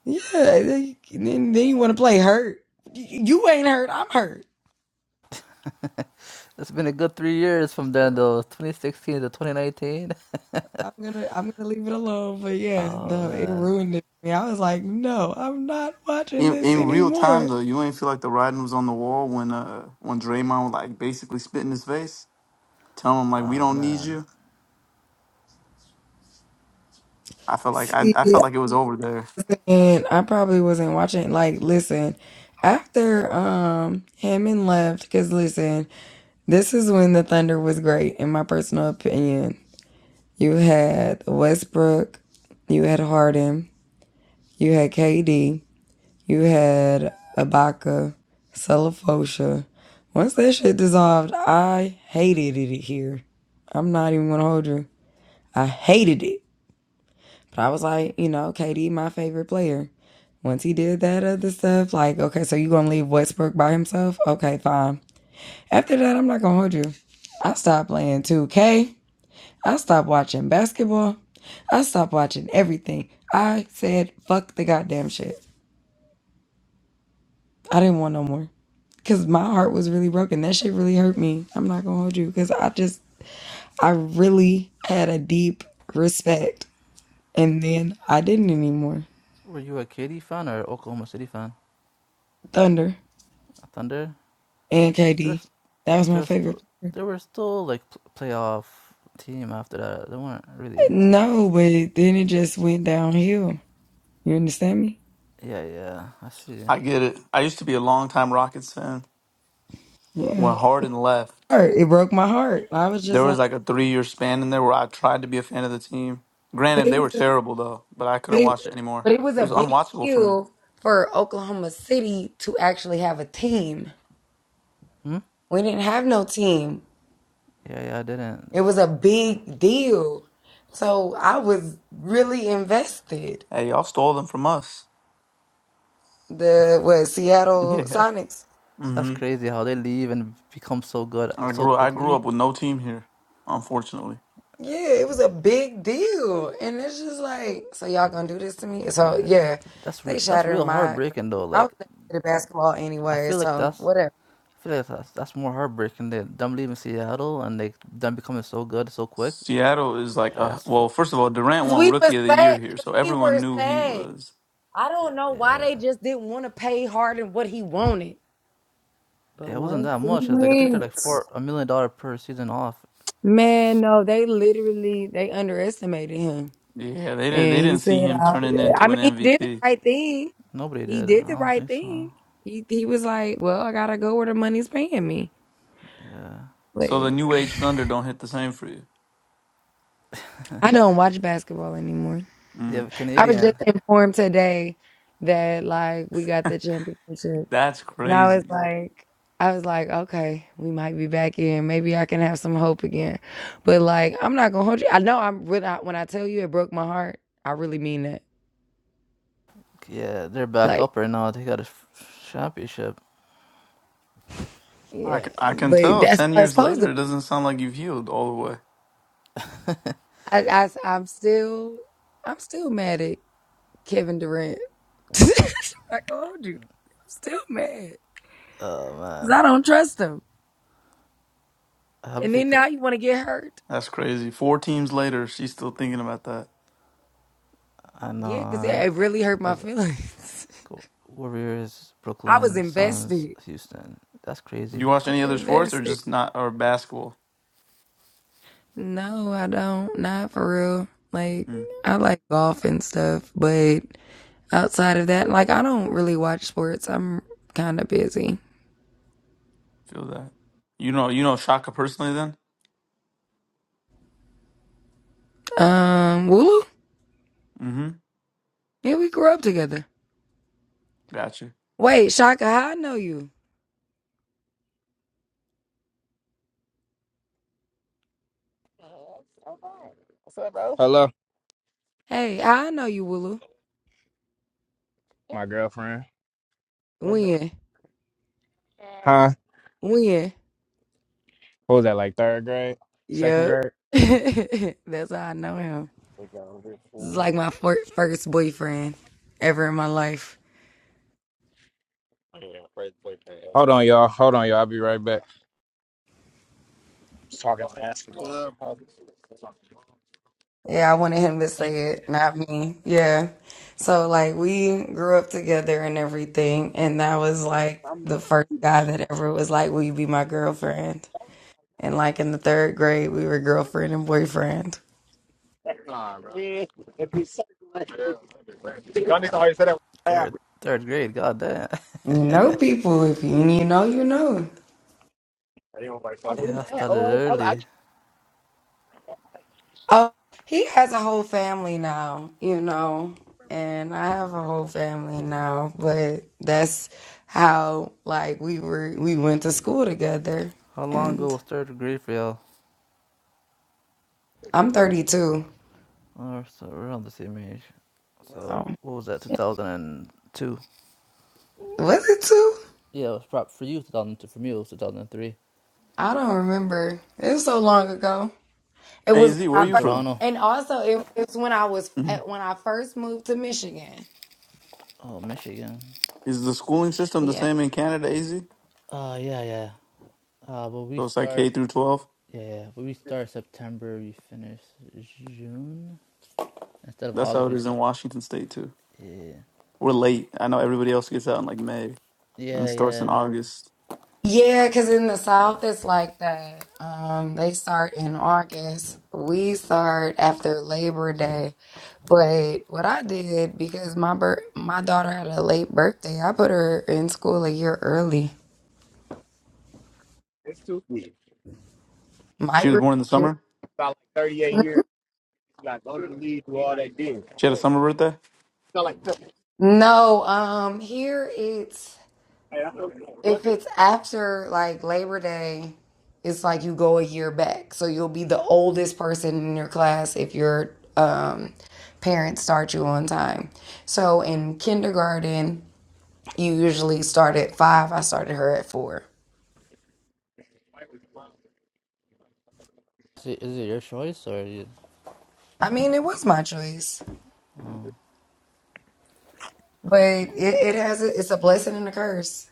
[SPEAKER 4] Yeah, I think- then, then you want to play hurt. Y- You ain't hurt. I'm hurt.
[SPEAKER 3] It's been a good three years from then, though. 2016 to 2019. *laughs*
[SPEAKER 4] I'm gonna I'm gonna leave it alone. But yeah,
[SPEAKER 3] Oh
[SPEAKER 4] no, it
[SPEAKER 3] man.
[SPEAKER 4] ruined it. for me. I was like, no, I'm not watching
[SPEAKER 1] In,
[SPEAKER 4] this
[SPEAKER 1] in real time
[SPEAKER 4] anymore.
[SPEAKER 1] though, you ain't feel like the writing was on the wall when uh when Draymond was like basically spit in his face, telling him like we
[SPEAKER 3] Oh
[SPEAKER 1] don't need
[SPEAKER 3] man.
[SPEAKER 1] you. I felt like I,
[SPEAKER 4] See,
[SPEAKER 1] I felt like it was over there.
[SPEAKER 4] And I probably wasn't watching. Like, listen, after um Hammond left, because listen, this is when the Thunder was great, in my personal opinion. You had Westbrook, you had Harden, you had KD, you had Ibaka, Celefosha. Once that shit dissolved, I hated it here. I'm not even gonna hold you. I hated it. But I was like, you know, KD, my favorite player. Once he did that other stuff, like, okay, so you gonna leave Westbrook by himself? Okay, fine. After that, I'm not gonna hold you. I stopped playing 2K. I stopped watching basketball. I stopped watching everything. I said, fuck the goddamn shit. I didn't want no more. Cause my heart was really broken. That shit really hurt me. I'm not gonna hold you. Cause I just, I really had a deep respect. And then I didn't anymore.
[SPEAKER 3] Were you a Katy fan or Oklahoma City fan?
[SPEAKER 4] Thunder.
[SPEAKER 3] Thunder.
[SPEAKER 4] and KD.
[SPEAKER 3] There's
[SPEAKER 4] That was my
[SPEAKER 3] there's still
[SPEAKER 4] favorite player.
[SPEAKER 3] there were still like pl- playoff team after that. They weren't really.
[SPEAKER 4] No, but then it just went downhill. You understand me?
[SPEAKER 3] Yeah, yeah. I see.
[SPEAKER 1] I get it. I used to be a longtime Rockets fan.
[SPEAKER 4] Yeah.
[SPEAKER 1] When Harden left,
[SPEAKER 4] Heart. It broke my heart. I was
[SPEAKER 1] there
[SPEAKER 4] just
[SPEAKER 1] was
[SPEAKER 4] like,
[SPEAKER 1] like a three year span in there where I tried to be a fan of the team.
[SPEAKER 4] but
[SPEAKER 1] Granted,
[SPEAKER 4] it
[SPEAKER 1] they
[SPEAKER 4] was,
[SPEAKER 1] were
[SPEAKER 4] a,
[SPEAKER 1] terrible though, but I
[SPEAKER 4] but
[SPEAKER 1] couldn't
[SPEAKER 4] it,
[SPEAKER 1] watch it anymore.
[SPEAKER 4] but it was
[SPEAKER 1] It
[SPEAKER 4] a
[SPEAKER 1] was
[SPEAKER 4] big
[SPEAKER 1] unwatchable for me.
[SPEAKER 4] deal for Oklahoma City to actually have a team.
[SPEAKER 3] Hmm.
[SPEAKER 4] We didn't have no team.
[SPEAKER 3] Yeah, yeah. I didn't.
[SPEAKER 4] It was a big deal. So I was really invested.
[SPEAKER 1] Hey, y'all stole them from us.
[SPEAKER 4] The what Seattle
[SPEAKER 1] *laughs* Yeah.
[SPEAKER 4] Sonics
[SPEAKER 3] That's
[SPEAKER 1] hmm
[SPEAKER 3] crazy how they leave and become so good
[SPEAKER 1] I
[SPEAKER 3] so
[SPEAKER 1] grew I grew
[SPEAKER 3] quickly.
[SPEAKER 1] up with no team here, unfortunately.
[SPEAKER 4] Yeah, it was a big deal. And it's just like, so y'all gonna do this to me? So yeah,
[SPEAKER 3] That's
[SPEAKER 4] they
[SPEAKER 3] re- that's
[SPEAKER 4] shattered
[SPEAKER 3] real
[SPEAKER 4] my
[SPEAKER 3] heartbreaking though.
[SPEAKER 4] I
[SPEAKER 3] Like
[SPEAKER 4] was never good at basketball
[SPEAKER 3] I
[SPEAKER 4] anyway,
[SPEAKER 3] feel like
[SPEAKER 4] so
[SPEAKER 3] that's
[SPEAKER 4] whatever.
[SPEAKER 3] I feel like that's, that's more heartbreaking than them leaving Seattle and like them becoming so good so quick.
[SPEAKER 1] Seattle is like
[SPEAKER 3] Uh,
[SPEAKER 1] a
[SPEAKER 3] That's
[SPEAKER 1] well.
[SPEAKER 3] fu-
[SPEAKER 1] First of all, Durant
[SPEAKER 4] 'Cause
[SPEAKER 1] won
[SPEAKER 4] we were
[SPEAKER 1] Rookie of the Year
[SPEAKER 4] sad.
[SPEAKER 1] here,
[SPEAKER 4] 'Cause
[SPEAKER 1] so
[SPEAKER 4] we
[SPEAKER 1] everyone
[SPEAKER 4] were
[SPEAKER 1] knew he
[SPEAKER 4] sad.
[SPEAKER 1] was.
[SPEAKER 4] I don't know why they just didn't want to pay Harden what he wanted. But
[SPEAKER 3] it wasn't
[SPEAKER 4] once
[SPEAKER 3] that
[SPEAKER 4] he
[SPEAKER 3] much. I was like I think they're like
[SPEAKER 4] went,
[SPEAKER 3] four a million dollar per season off.
[SPEAKER 4] man, no, they literally they underestimated him.
[SPEAKER 1] Yeah, they didn't.
[SPEAKER 4] And
[SPEAKER 1] They
[SPEAKER 4] he
[SPEAKER 1] didn't see
[SPEAKER 4] said,
[SPEAKER 1] him
[SPEAKER 4] I,
[SPEAKER 1] turning
[SPEAKER 4] I
[SPEAKER 1] into an
[SPEAKER 4] mean, he did the
[SPEAKER 1] MVP.
[SPEAKER 4] right thing.
[SPEAKER 3] Nobody
[SPEAKER 4] He
[SPEAKER 3] did.
[SPEAKER 4] did
[SPEAKER 3] I
[SPEAKER 4] the
[SPEAKER 3] don't
[SPEAKER 4] right
[SPEAKER 3] think so.
[SPEAKER 4] thing. He he was like, well, I gotta go where the money's paying me.
[SPEAKER 3] Yeah,
[SPEAKER 1] So the
[SPEAKER 4] Like
[SPEAKER 1] New Age Thunder don't hit the same for you.
[SPEAKER 4] I don't watch basketball anymore.
[SPEAKER 3] yeah,
[SPEAKER 1] Mm,
[SPEAKER 3] the
[SPEAKER 4] I was
[SPEAKER 3] Canadian.
[SPEAKER 4] just informed today that like we got the championship.
[SPEAKER 1] that's
[SPEAKER 4] And I was
[SPEAKER 1] crazy.
[SPEAKER 4] like I was like, okay, we might be back in. Maybe I can have some hope again. But like I'm not gonna hold you. I know I'm when I when I tell you it broke my heart, I really mean that.
[SPEAKER 3] Yeah, they're back
[SPEAKER 4] Like,
[SPEAKER 3] up right now. They got a f- championship.
[SPEAKER 1] I
[SPEAKER 4] yeah.
[SPEAKER 1] can, I can
[SPEAKER 4] But
[SPEAKER 1] tell.
[SPEAKER 4] that's
[SPEAKER 1] Ten
[SPEAKER 4] how it's
[SPEAKER 1] years
[SPEAKER 4] supposed
[SPEAKER 1] later,
[SPEAKER 4] to
[SPEAKER 1] it
[SPEAKER 4] be.
[SPEAKER 1] doesn't sound like you've healed all the way.
[SPEAKER 4] I, I I'm still I'm still mad at Kevin Durant. *laughs* I told you. I'm still mad.
[SPEAKER 3] Oh
[SPEAKER 4] Cause
[SPEAKER 3] man,
[SPEAKER 4] I don't trust him.
[SPEAKER 3] I hope
[SPEAKER 4] And
[SPEAKER 3] if you.
[SPEAKER 4] then
[SPEAKER 3] ca-
[SPEAKER 4] now you want to get hurt?
[SPEAKER 1] That's crazy. Four teams later, she's still thinking about that.
[SPEAKER 3] I know.
[SPEAKER 4] Yeah, because it,
[SPEAKER 3] uh,
[SPEAKER 4] it really hurt
[SPEAKER 3] What
[SPEAKER 4] my
[SPEAKER 3] was it
[SPEAKER 4] feelings.
[SPEAKER 3] Go- Warriors,
[SPEAKER 4] *laughs* I was
[SPEAKER 3] Brooklyn, Suns,
[SPEAKER 4] invested.
[SPEAKER 3] Houston? That's
[SPEAKER 1] You
[SPEAKER 3] crazy.
[SPEAKER 1] watch
[SPEAKER 4] I was
[SPEAKER 1] any other sports or
[SPEAKER 4] invested.
[SPEAKER 1] just not or basketball?
[SPEAKER 4] No, I don't. Not for real. Like,
[SPEAKER 1] Mm,
[SPEAKER 4] I like golf and stuff, but outside of that, like, I don't really watch sports. I'm kind of busy.
[SPEAKER 1] feel that. You know, you know Shaka personally. Then.
[SPEAKER 4] Um, Wulu?
[SPEAKER 1] Mm-hmm.
[SPEAKER 4] Yeah, we grew up together.
[SPEAKER 1] Gotcha.
[SPEAKER 4] Wait, Shaka, how I know you?
[SPEAKER 2] Hello,
[SPEAKER 4] Hey, how I know you, Wulu?
[SPEAKER 2] my girlfriend.
[SPEAKER 4] When?
[SPEAKER 2] Huh?
[SPEAKER 4] When?
[SPEAKER 2] What was that like third grade, second
[SPEAKER 4] Yup.
[SPEAKER 2] grade?
[SPEAKER 4] *laughs* That's how I know him. This is like my first boyfriend ever in my life.
[SPEAKER 2] Hold on, y'all. Hold on, y'all. I'll be right back.
[SPEAKER 4] Yeah, I wanted him to say it, not me. Yeah. So, like, we grew up together and everything. And that was like the first guy that ever was like, Will you be my girlfriend? And like in the third grade, we were girlfriend and boyfriend.
[SPEAKER 3] Third, third grade. God damn. *laughs*
[SPEAKER 4] You know people. If you you know, you know.
[SPEAKER 3] Yeah, I started early.
[SPEAKER 4] Oh, he has a whole family now, you know, and I have a whole family now, but that's how like we were we went to school together
[SPEAKER 3] How long ago
[SPEAKER 4] and
[SPEAKER 3] was Third Degree Fail?
[SPEAKER 4] I'm 32.
[SPEAKER 3] Or so around the same age. So
[SPEAKER 4] So
[SPEAKER 3] what was that? Two thousand and two.
[SPEAKER 4] was it two?
[SPEAKER 3] Yeah, it was probably for you. Two thousand two. For me, it was two thousand and three.
[SPEAKER 4] I don't remember. It was so long ago. It
[SPEAKER 1] Hey
[SPEAKER 4] was
[SPEAKER 1] Z, where
[SPEAKER 3] I'm
[SPEAKER 4] when
[SPEAKER 1] are
[SPEAKER 4] I
[SPEAKER 3] from
[SPEAKER 1] you
[SPEAKER 4] first,
[SPEAKER 1] from?
[SPEAKER 3] Toronto.
[SPEAKER 4] and also it was when I was
[SPEAKER 1] Mm-hmm.
[SPEAKER 4] when I first moved to Michigan.
[SPEAKER 3] Oh, Michigan.
[SPEAKER 1] Is the schooling system the
[SPEAKER 4] Yeah.
[SPEAKER 1] same in Canada, AZ?
[SPEAKER 3] Uh, yeah, yeah. Uh, but we
[SPEAKER 1] So it's like K
[SPEAKER 3] start.
[SPEAKER 1] through 12?
[SPEAKER 3] Yeah, yeah. But we start September. We finish June instead of
[SPEAKER 1] That's how
[SPEAKER 3] August.
[SPEAKER 1] it
[SPEAKER 3] We
[SPEAKER 1] is in
[SPEAKER 3] start.
[SPEAKER 1] Washington State, too.
[SPEAKER 3] Yeah.
[SPEAKER 1] We're late. I know everybody else gets out in like May and
[SPEAKER 3] Yeah,
[SPEAKER 1] starts in
[SPEAKER 3] yeah,
[SPEAKER 1] August.
[SPEAKER 4] Yeah, because in the
[SPEAKER 3] yeah.
[SPEAKER 4] South it's like that. Um, they start in August. We start after Labor Day. But what I did because my bir- my daughter had a late birthday, I put her in school a year early.
[SPEAKER 2] It's too. years.
[SPEAKER 1] She
[SPEAKER 4] Might
[SPEAKER 1] was
[SPEAKER 4] regret
[SPEAKER 1] born in the
[SPEAKER 4] it.
[SPEAKER 1] summer?
[SPEAKER 2] About like 38
[SPEAKER 4] *laughs*
[SPEAKER 2] years. You got to go to the league, do all that did.
[SPEAKER 1] She had a summer birthday?
[SPEAKER 2] So like, so,
[SPEAKER 4] No, um, here it's
[SPEAKER 2] hey, I know- what's
[SPEAKER 4] If
[SPEAKER 2] his
[SPEAKER 4] it's after like Labor Day, it's like you go a year back. So you'll be the oldest person in your class if your um, parents start you on time. So in kindergarten, you usually start at five. I started her at four.
[SPEAKER 3] Is it, is it your choice or? You...
[SPEAKER 4] I mean, it was my choice, but it, it has a, it's a blessing and a curse.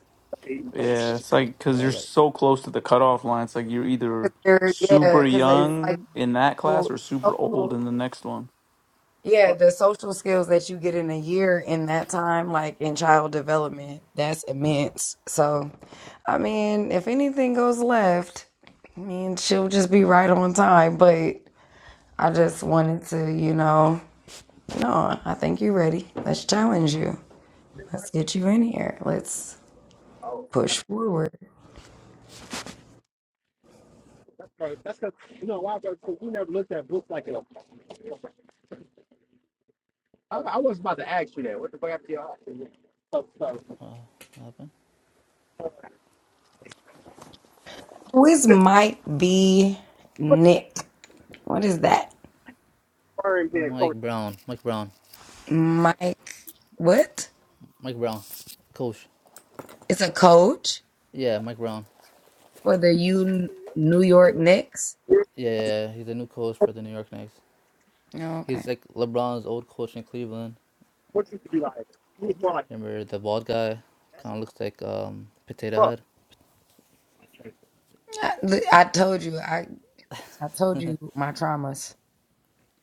[SPEAKER 1] Yeah, it's like because
[SPEAKER 3] Yeah,
[SPEAKER 1] you're
[SPEAKER 3] like.
[SPEAKER 1] so close to the cutoff line. It's like you're
[SPEAKER 4] 'Cause
[SPEAKER 1] either
[SPEAKER 4] They're, yeah,
[SPEAKER 1] super
[SPEAKER 4] because it's like
[SPEAKER 1] young in that class or super old
[SPEAKER 4] social,
[SPEAKER 1] in the next one.
[SPEAKER 4] Yeah, the social skills that you get in a year in that time, like in child development, that's immense. So, I mean, if anything goes left, I mean, she'll just be right on time. But I just wanted to, you know, no, I think you're ready. Let's challenge you. Let's get you in here. Let's push forward.
[SPEAKER 3] Uh, what happened?
[SPEAKER 4] Who is Mike B. Nick? What is that?
[SPEAKER 2] firm then,
[SPEAKER 3] Mike
[SPEAKER 2] coach?
[SPEAKER 3] Brown. Mike Brown.
[SPEAKER 4] Mike, what?
[SPEAKER 3] Mike Brown. Coach.
[SPEAKER 4] It's a coach
[SPEAKER 3] Yeah, Mike Brown.
[SPEAKER 4] for the U New York Knicks.
[SPEAKER 3] Yeah, yeah, yeah. he's a new coach for the New York Knicks.
[SPEAKER 4] Okay.
[SPEAKER 3] He's like LeBron's old coach in Cleveland.
[SPEAKER 2] What you could be like? He was more like, a-
[SPEAKER 3] Remember the bald guy?
[SPEAKER 2] like
[SPEAKER 3] Kind of looks like um Potato
[SPEAKER 2] fuck.
[SPEAKER 3] Head.
[SPEAKER 4] I, look, I told you. I I told you my traumas.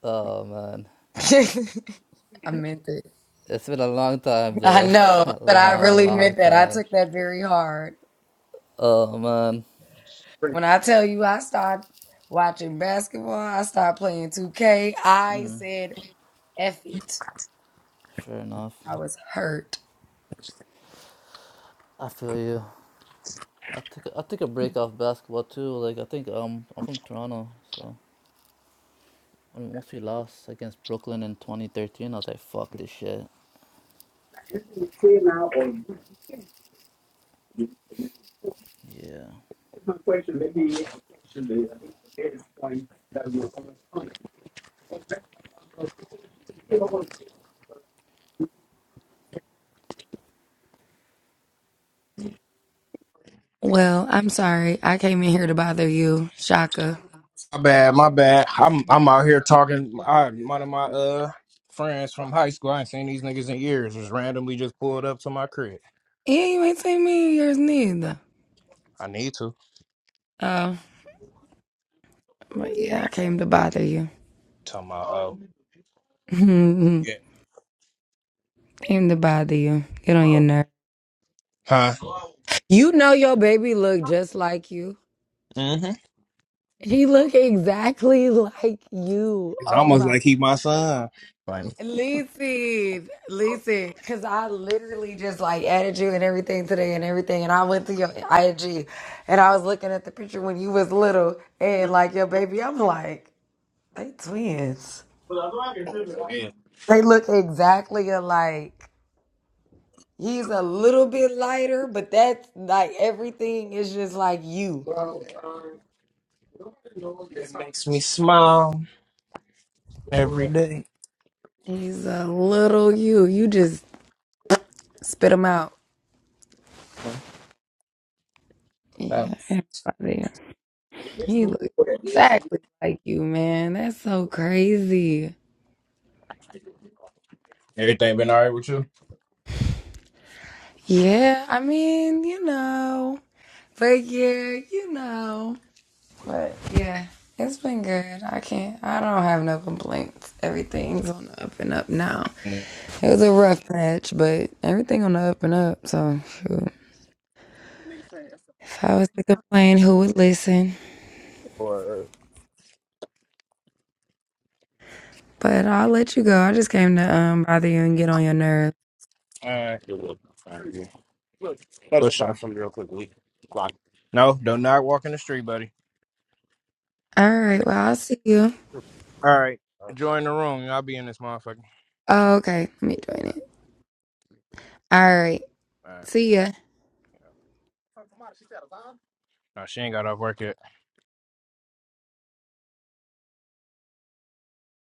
[SPEAKER 3] Oh man,
[SPEAKER 4] *laughs* I meant it.
[SPEAKER 3] it's been a long time
[SPEAKER 4] I
[SPEAKER 3] though. *laughs*
[SPEAKER 4] know,
[SPEAKER 3] a
[SPEAKER 4] but I
[SPEAKER 3] long,
[SPEAKER 4] really
[SPEAKER 3] long
[SPEAKER 4] meant that. I
[SPEAKER 3] time.
[SPEAKER 4] took that very hard.
[SPEAKER 3] Oh man.
[SPEAKER 2] Bring it.
[SPEAKER 4] When I tell you I started watching basketball, I started playing 2K, I
[SPEAKER 3] Mm,
[SPEAKER 4] said F it.
[SPEAKER 3] sure enough.
[SPEAKER 4] I was hurt.
[SPEAKER 3] I feel you. I took I took a break off basketball too. Like I think um I'm from Toronto, so I mean, once we lost against Brooklyn in 2013, I was like, fuck this shit.
[SPEAKER 2] now, or
[SPEAKER 3] Yeah.
[SPEAKER 2] my question, maybe question I think is going that we
[SPEAKER 4] Well, I'm sorry. I came in here to bother you, Shaka.
[SPEAKER 2] My bad, my bad. I'm I'm out here talking. I one of my uh friends from high school. I ain't seen these niggas in years. Just randomly just pulled up to my crib.
[SPEAKER 4] Yeah, you ain't seen me in years neither.
[SPEAKER 2] I need to.
[SPEAKER 4] Oh, but yeah, I came to bother you.
[SPEAKER 2] Tell my uh
[SPEAKER 4] *laughs* came
[SPEAKER 2] yeah.
[SPEAKER 4] to bother you. Get on your nerve.
[SPEAKER 2] Huh?
[SPEAKER 4] You know your baby look just like you.
[SPEAKER 2] Mm-hmm.
[SPEAKER 4] He look exactly *laughs* like you.
[SPEAKER 2] It's
[SPEAKER 4] Oh
[SPEAKER 2] almost
[SPEAKER 4] my.
[SPEAKER 2] like he my son. Like
[SPEAKER 4] Listen, listen, because I literally just like added you and everything today and everything. And I went to your IG and I was looking at the picture when you was little and like your baby. I'm like, they twins.
[SPEAKER 2] Yeah.
[SPEAKER 4] They look exactly alike. He's a little bit lighter, but that's like everything is just like you.
[SPEAKER 2] makes me smile every day.
[SPEAKER 4] He's a little you. You just spit him out.
[SPEAKER 2] Uh,
[SPEAKER 4] Yeah, everybody. He looks exactly like you, man. That's so crazy.
[SPEAKER 2] everything been all right with you?
[SPEAKER 4] Yeah, I mean, you know. But yeah, you know. But yeah, it's been good. I can't, I don't have no complaints. Everything's on the up and up now. It was a rough patch, but everything on the up and up. So, shoot. If I was to complain, who would listen?
[SPEAKER 2] Or
[SPEAKER 4] But I'll let you go. I just came to um bother you and get on your nerves.
[SPEAKER 2] All right. Let us push start off? from the block. No, do not walk in the street, buddy.
[SPEAKER 4] All right, well, I'll see you.
[SPEAKER 2] All right. Uh, Join the room. Y'all be in this motherfucker.
[SPEAKER 4] Oh, okay. Let me join it. All right.
[SPEAKER 2] All right.
[SPEAKER 4] See ya.
[SPEAKER 2] No, she ain't got off work yet.